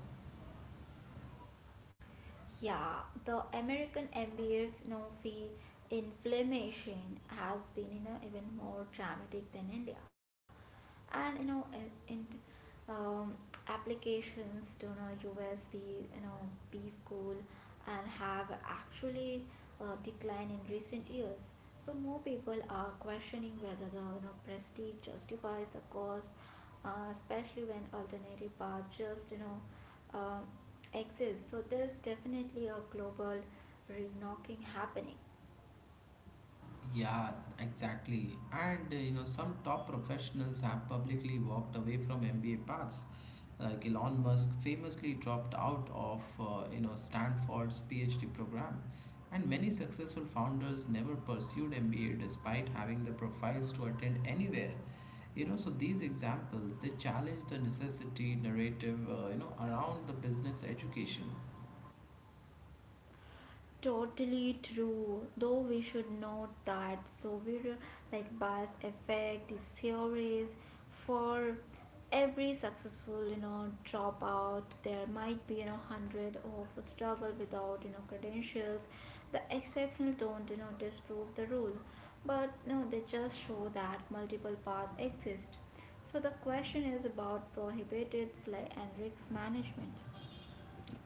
Speaker 2: Yeah, the American MBF Nofi inflammation has been even more dramatic than India and you know in um, applications to usb b school and have actually declined in recent years so more people are questioning whether the prestige justifies the cost especially when alternative paths just um, exist so there's definitely a global re-knocking happening.
Speaker 1: Yeah, exactly. And some top professionals have publicly walked away from MBA paths. Like Elon Musk famously dropped out of Stanford's PhD program, and many successful founders never pursued MBA despite having the profiles to attend anywhere. So these examples they challenge the necessity narrative around the business education.
Speaker 2: Totally true. Though we should note that so we're like bias effect is theories for every successful dropout there might be hundred of struggle without credentials the exceptional don't disprove the rule but no they just show that multiple paths exist so the question is about prohibited sly and risk management.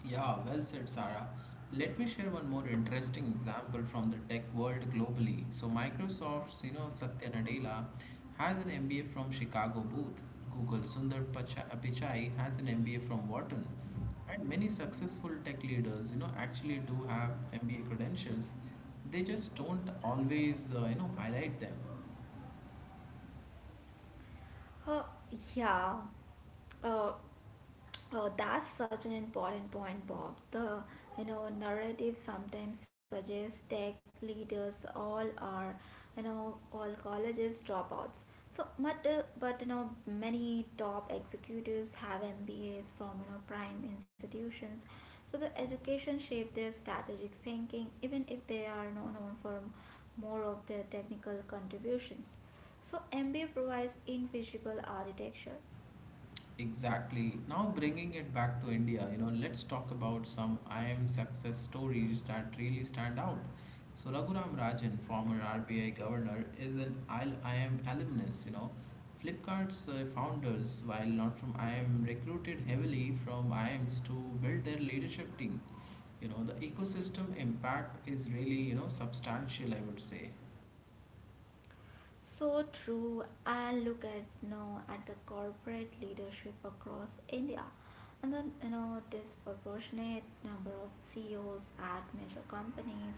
Speaker 1: Yeah, well said, Sarah. Let me share one more interesting example from the tech world globally. So Microsoft's, Satya Nadella has an MBA from Chicago Booth. Google Pichai has an MBA from Wharton. And many successful tech leaders, actually do have MBA credentials. They just don't always, highlight them.
Speaker 2: uh, yeah. Uh, Oh, that's such an important point, Bob. The narrative sometimes suggests tech leaders all are you know all colleges dropouts. But many top executives have MBAs from prime institutions. So the education shaped their strategic thinking, even if they are known for more of their technical contributions. So MBA provides invisible architecture.
Speaker 1: Exactly. Now bringing it back to India, let's talk about some IM success stories that really stand out. So Raghuram Rajan, former RBI governor, is an I IM alumnus, Flipkart's founders, while not from IM, recruited heavily from IMs to build their leadership team. The ecosystem impact is really, substantial, I would say.
Speaker 2: So true. And look at now at the corporate leadership across India, and then disproportionate number of CEOs at major companies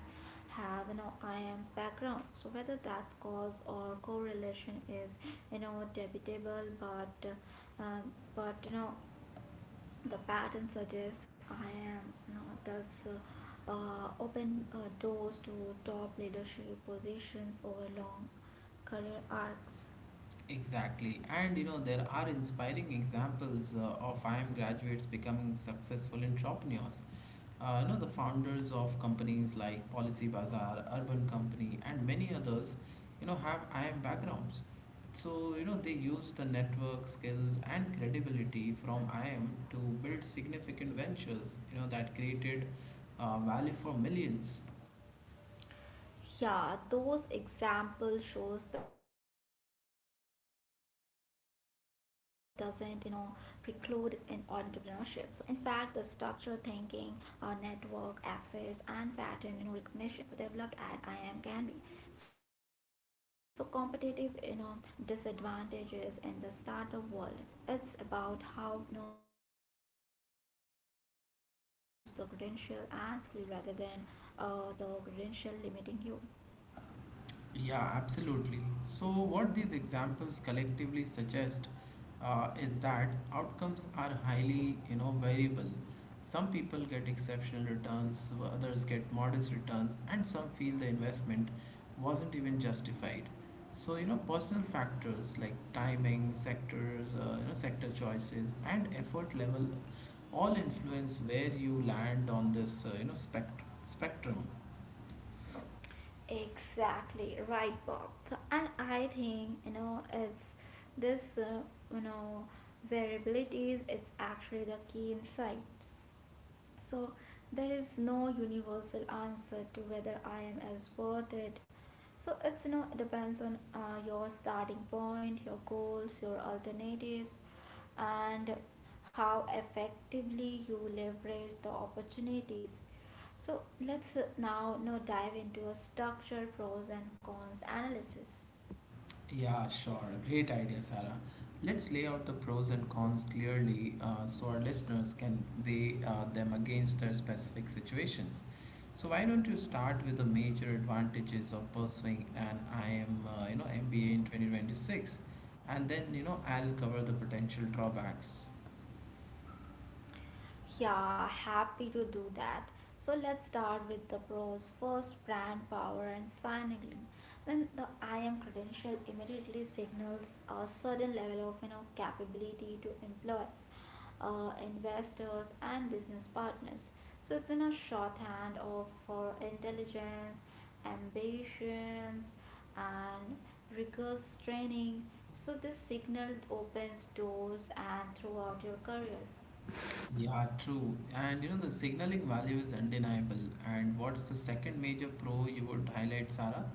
Speaker 2: have IAM's background. So whether that's cause or correlation is debatable, but but you know the pattern suggests I am does open doors to top leadership positions over long career arcs.
Speaker 1: Exactly, and there are inspiring examples of IIM graduates becoming successful entrepreneurs. You know, the founders of companies like Policy Bazaar, Urban Company, and many others, you know, have IIM backgrounds. So, you know, they use the network skills and credibility from IIM to build significant ventures, you know, that created value for millions.
Speaker 2: Yeah, those examples shows that the im doesn't preclude in entrepreneurship. So in fact the structure thinking, network access, and pattern recognition so developed at im can be so competitive disadvantages in the startup world. It's about how you use the credential and skill rather than the credential limiting you.
Speaker 1: Yeah, absolutely. So, what these examples collectively suggest is that outcomes are highly, you know, variable. Some people get exceptional returns, others get modest returns, and some feel the investment wasn't even justified. So, you know, personal factors like timing, sectors, you know, sector choices, and effort level all influence where you land on this, you know, spectrum.
Speaker 2: Exactly right, Bob. So, and I think it's this you know variabilities is actually the key insight. So, there is no universal answer to whether I am as worth it. So, it's you know, it depends on your starting point, your goals, your alternatives, and how effectively you leverage the opportunities. So, let's now dive into a structured pros and cons analysis.
Speaker 1: Yeah, sure. Great idea, Sarah. Let's lay out the pros and cons clearly so our listeners can weigh them against their specific situations. So why don't you start with the major advantages of pursuing an IM, you know, MBA in 2026, and then you know I'll cover the potential drawbacks.
Speaker 2: Yeah, happy to do that. So let's start with the pros. First, brand power and signaling. When the IAM credential immediately signals a certain level of capability to employees, investors, and business partners. So it's in a shorthand of for intelligence, ambitions, and rigorous training. So this signal opens doors and throughout your career.
Speaker 1: Yeah, true. And you know, the signaling value is undeniable. And what's the second major pro you would highlight, Sarah?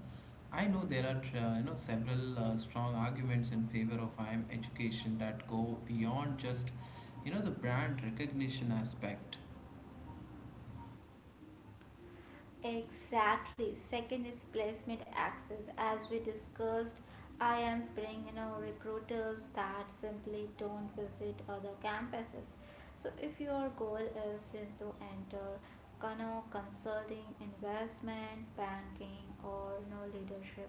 Speaker 1: I know there are you know several strong arguments in favor of IM education that go beyond just you know the brand recognition aspect.
Speaker 2: Exactly. Second is placement access. As we discussed, I am bring recruiters that simply don't visit other campuses. So if your goal is to enter consulting, investment, banking, or leadership,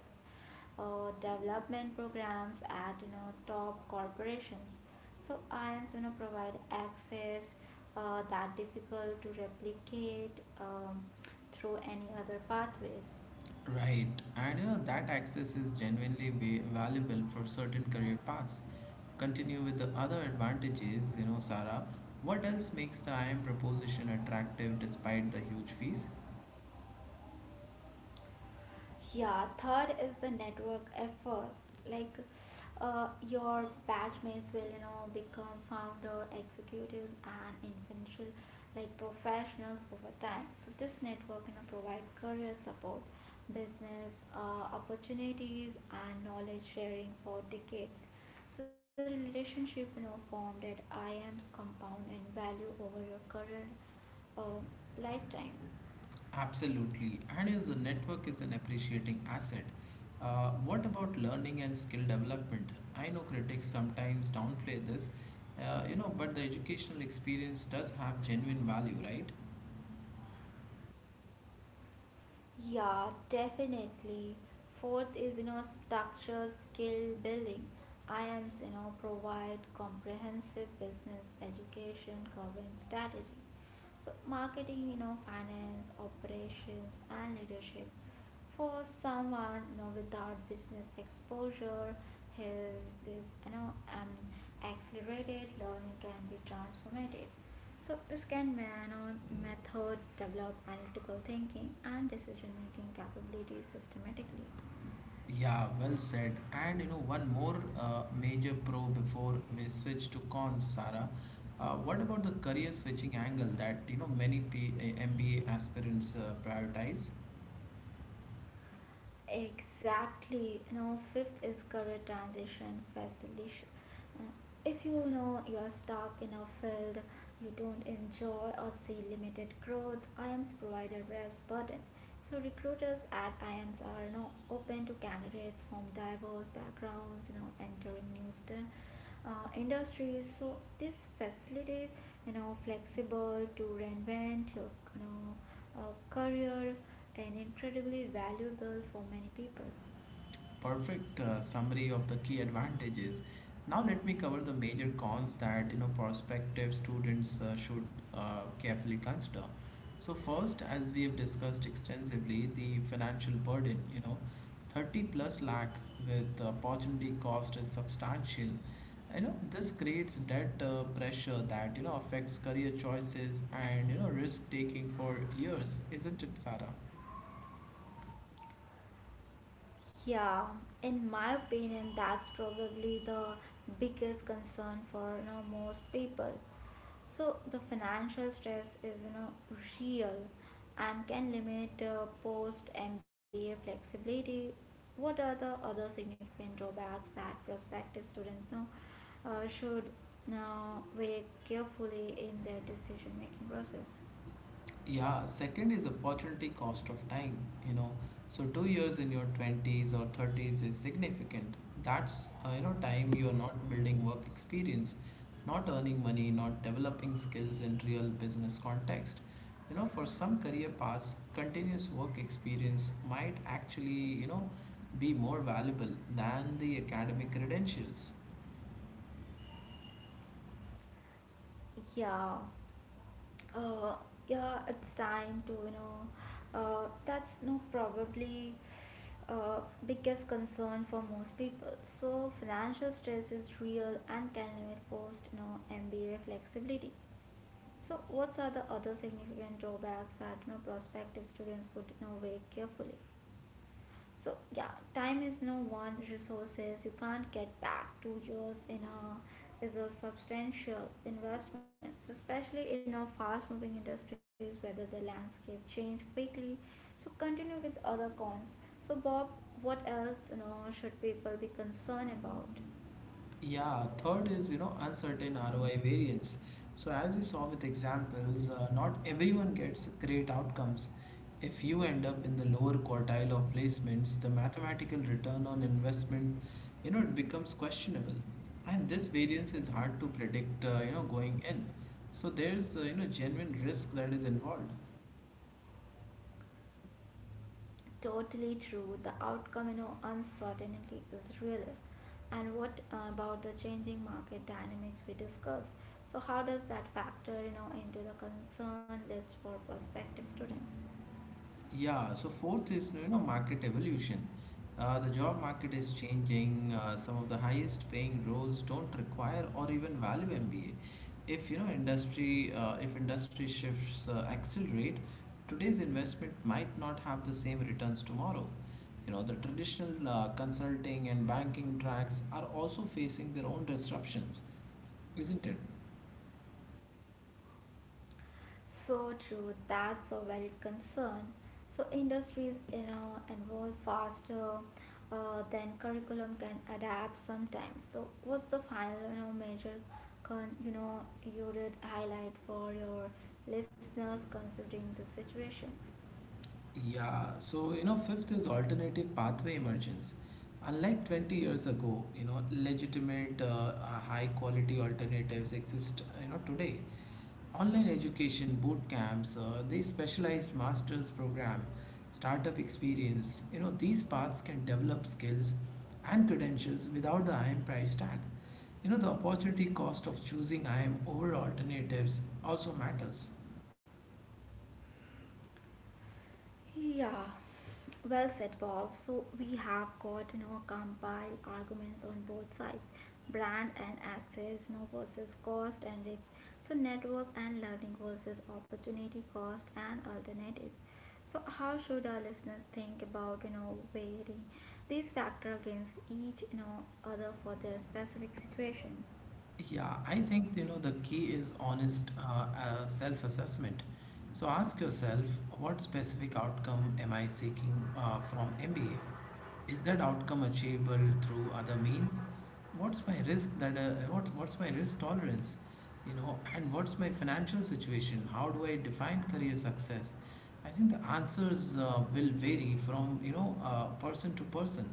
Speaker 2: development programs at top corporations. So I IAMS provide access that difficult to replicate through any other pathways.
Speaker 1: Right. And you know that access is genuinely valuable for certain career paths. Continue with the other advantages, you know, Sarah. What else makes the IM proposition attractive despite the huge fees?
Speaker 2: Yeah, third is the network effort. Like your batchmates will, become founder, executive, and influential, like professionals over time. So this network, provide career support, business opportunities, and knowledge sharing for decades. So the relationship, formed at IAM's compound in value over your current um lifetime.
Speaker 1: Absolutely. And you know, the network is an appreciating asset. What about learning and skill development? I know critics sometimes downplay this, you know, but the educational experience does have genuine value, right?
Speaker 2: Yeah, definitely. Fourth is, structure skill building. I am provide comprehensive business education covering strategy. So marketing, finance, operations, and leadership for someone without business exposure, his this accelerated learning can be transformative. So this can man on method develop analytical thinking and decision making capabilities systematically.
Speaker 1: Yeah, well said. And you know, one more major pro before we switch to cons, Sarah. What about the career switching angle that you know many MBA aspirants prioritize?
Speaker 2: Exactly. you know fifth is career transition facilitation. Uh, if you are stuck in a field you don't enjoy or see limited growth, I am provider brass button. So recruiters at IMs are, open to candidates from diverse backgrounds, entering industries. So this facilitates, flexible to reinvent your, you know, career and incredibly valuable for many people.
Speaker 1: Perfect summary of the key advantages. Now let me cover the major cons that you know prospective students should carefully consider. So first, as we have discussed extensively, the financial burden. You know, 30 plus lakh with the opportunity cost is substantial. You know, this creates debt pressure that you know affects career choices and you know risk taking for years, isn't it, Sarah?
Speaker 2: Yeah, in my opinion, that's probably the biggest concern for most people. So the financial stress is real and can limit post MBA flexibility. What are the other significant drawbacks that prospective students know should now weigh carefully in their decision making process?
Speaker 1: Yeah, second is opportunity cost of time, you know. So 2 years in your 20s or 30s is significant. That's, you know, time you're not building work experience, not earning money, not developing skills in real business context. You know, for some career paths, continuous work experience might actually, you know, be more valuable than the academic credentials.
Speaker 2: Yeah. Uh, yeah, it's time to, that's no probably uh, biggest concern for most people. So financial stress is real and can limit post, MBA flexibility. So what are the other significant drawbacks that, prospective students could, weigh carefully? So yeah, time is no one resources you can't get back. 2 years in a is a substantial investment, so especially in our fast moving industries whether the landscape change quickly. So continue with other cons. So Bob, what else should people be concerned about?
Speaker 1: Yeah, third is, you know, uncertain ROI variance. So as we saw with examples, not everyone gets great outcomes. If you end up in the lower quartile of placements, the mathematical return on investment, you know, it becomes questionable. And this variance is hard to predict, you know, going in. So there's, you know, genuine risk that is involved.
Speaker 2: Totally true. The outcome, uncertainty is real. And what about the changing market dynamics we discussed? So how does that factor, into the concern list for prospective students?
Speaker 1: Yeah, so fourth is you know market evolution. The job market is changing. Some of the highest paying roles don't require or even value MBA. If industry shifts accelerate, today's investment might not have the same returns tomorrow. You know the traditional consulting and banking tracks are also facing their own disruptions, isn't it?
Speaker 2: So true, that's a valid concern. So industries, evolve faster than curriculum can adapt sometimes. So what's the final, major, you did highlight for your listeners considering the situation?
Speaker 1: Yeah, so you know, fifth is alternative pathway emergence. Unlike 20 years ago, you know, legitimate, high quality alternatives exist, you know, today. Online education, boot camps, the specialized master's program, startup experience, you know, these paths can develop skills and credentials without the IIM price tag. You know, the opportunity cost of choosing IIM over alternatives also matters.
Speaker 2: Yeah, well said, Bob. So we have got compile arguments on both sides, brand and access, versus cost and risk. So network and learning versus opportunity, cost, and alternatives. So how should our listeners think about weighing these factors against each other for their specific situation?
Speaker 1: Yeah, I think you know the key is honest self-assessment. So ask yourself, what specific outcome am I seeking from MBA? Is that outcome achievable through other means? What what's my risk tolerance? You know, and what's my financial situation? How do I define career success? I think the answers will vary from you know person to person.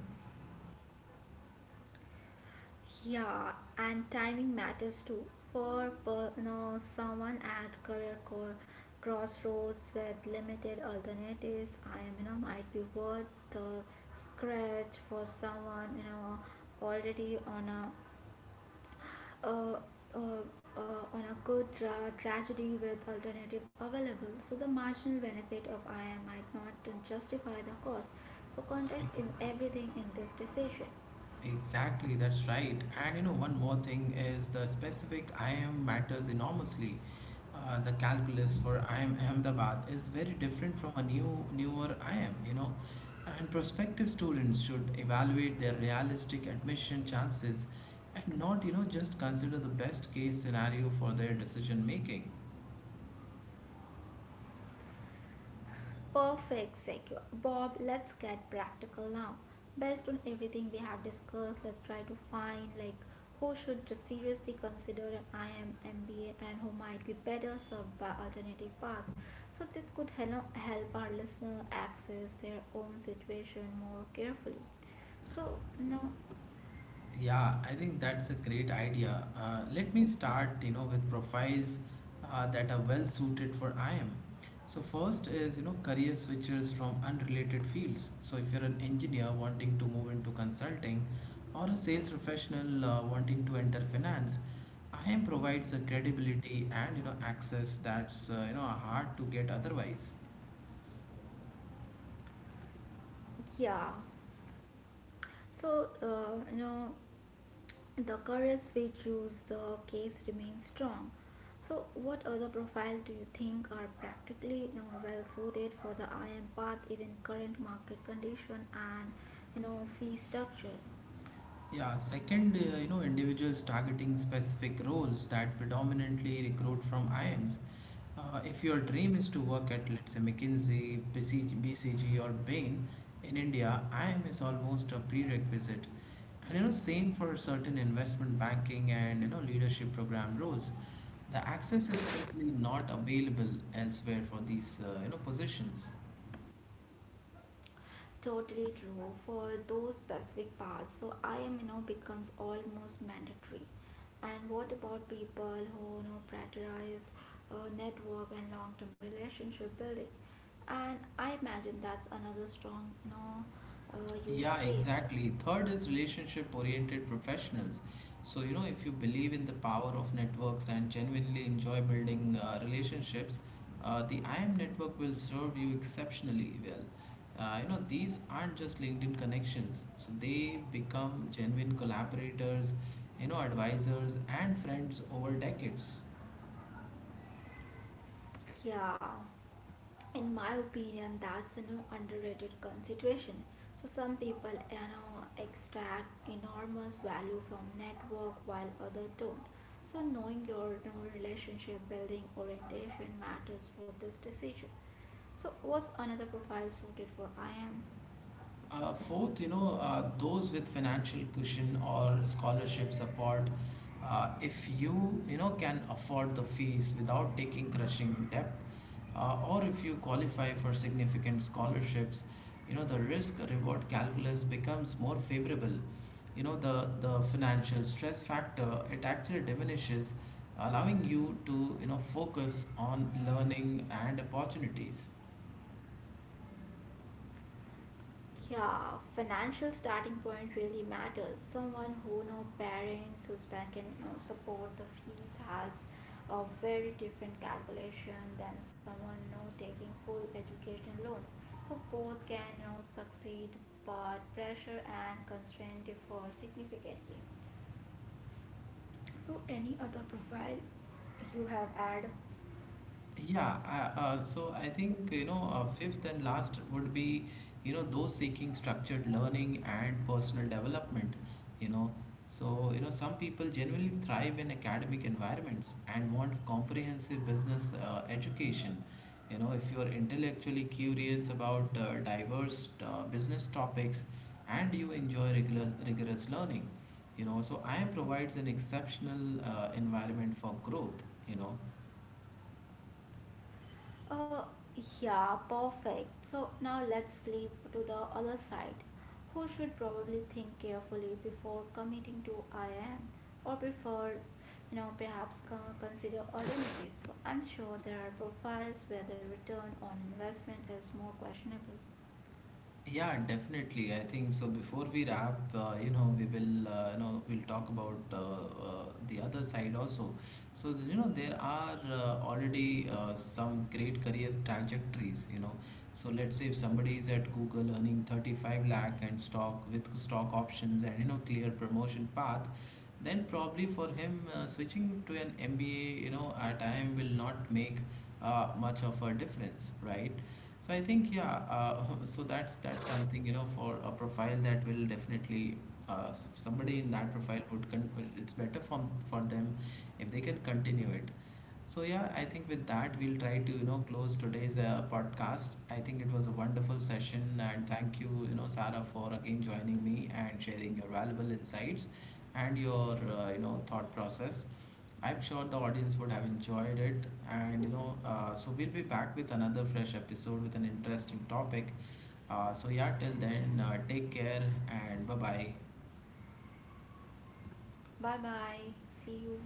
Speaker 2: Yeah, and timing matters too. Someone at crossroads with limited alternatives, I am might be worth the scratch. For someone already uh, uh, on a good tragedy with alternative available. So the marginal benefit of I am might not justify the cost. So context
Speaker 1: Ex-
Speaker 2: is everything in this decision.
Speaker 1: Exactly, that's right. And you know, one more thing is the specific IM matters enormously. The calculus for IM Ahmedabad is very different from a newer IM, you know. And prospective students should evaluate their realistic admission chances and not, you know, just consider the best case scenario for their decision making.
Speaker 2: Perfect segue. Bob, let's get practical now. Based on everything we have discussed, let's try to find like who should seriously consider an IM MBA and who might be better served by alternative path. So this could help our listener access their own situation more carefully. So no,
Speaker 1: Yeah, I think that's a great idea. Let me start, you know, with profiles that are well suited for IM. So first is, you know, career switchers from unrelated fields. So if you're an engineer wanting to move into consulting or a sales professional wanting to enter finance, IM provides a credibility and, you know, access that's, you know, hard to get otherwise.
Speaker 2: yeah. So the courage which use the case remains strong. So, what other profile do you think are practically well suited for the IM path, even current market condition and fee structure?
Speaker 1: Yeah, second, you know, individuals targeting specific roles that predominantly recruit from IIMs. If your dream is to work at, let's say, McKinsey, BCG, or Bain in India, IIM is almost a prerequisite. And you know, same for certain investment banking and you know leadership program roles. The access is simply not available elsewhere for these you know positions.
Speaker 2: Totally true for those specific paths. So I am, becomes almost mandatory. And what about people who prioritize network and long-term relationship building? And I imagine that's another strong use
Speaker 1: Yeah,
Speaker 2: case.
Speaker 1: exactly. Third is relationship oriented professionals. So, you know, if you believe in the power of networks and genuinely enjoy building relationships, the IM network will serve you exceptionally well. You know, these aren't just LinkedIn connections, so they become genuine collaborators, you know, advisors, and friends over decades.
Speaker 2: Yeah. In my opinion that's an underrated consideration. So some people extract enormous value from network while others don't. So knowing your, relationship building orientation matters for this decision. So what's another profile suited for I am?
Speaker 1: Fourth, you know, those with financial cushion or scholarship support, if you, you know, can afford the fees without taking crushing debt, or if you qualify for significant scholarships, you know, the risk reward calculus becomes more favorable. You know, the financial stress factor, it actually diminishes, allowing you to, you know, focus on learning and opportunities.
Speaker 2: Yeah, financial starting point really matters. Someone who no parents whose bank can support the fees has a very different calculation than someone taking full education loans. So both can succeed, but pressure and constraint differ significantly. So, any other profile you have add.
Speaker 1: So I think you know fifth and last would be you know those seeking structured learning and personal development. You know, so you know some people genuinely thrive in academic environments and want comprehensive business education. You know, if you are intellectually curious about diverse business topics and you enjoy regular rigorous learning, you know, so IM provides an exceptional environment for growth. You know.
Speaker 2: Uh, yeah, perfect. So now let's flip to the other side. Who should probably think carefully before committing to I am or prefer, perhaps consider alternatives. So I'm sure there are profiles where the return on investment is more questionable.
Speaker 1: Yeah, definitely. I think so. Before we wrap, you know, you know, we'll talk about the other side also. So, you know, there are already some great career trajectories, you know. So, let's say if somebody is at Google earning 35 lakh and stock with stock options and, you know, clear promotion path, then probably for him switching to an MBA, you know, at time will not make much of a difference, right? So I think yeah, <laughs> so that's something you know for a profile that will definitely somebody in that profile would it's better for them if they can continue it. So yeah, I think with that we'll try to you know close today's podcast. I think it was a wonderful session, and thank you you know Sarah for again joining me and sharing your valuable insights and your you know thought process. I'm sure the audience would have enjoyed it, and you know so we'll be back with another fresh episode with an interesting topic. So yeah, till then, take care and bye bye.
Speaker 2: Bye bye. See you.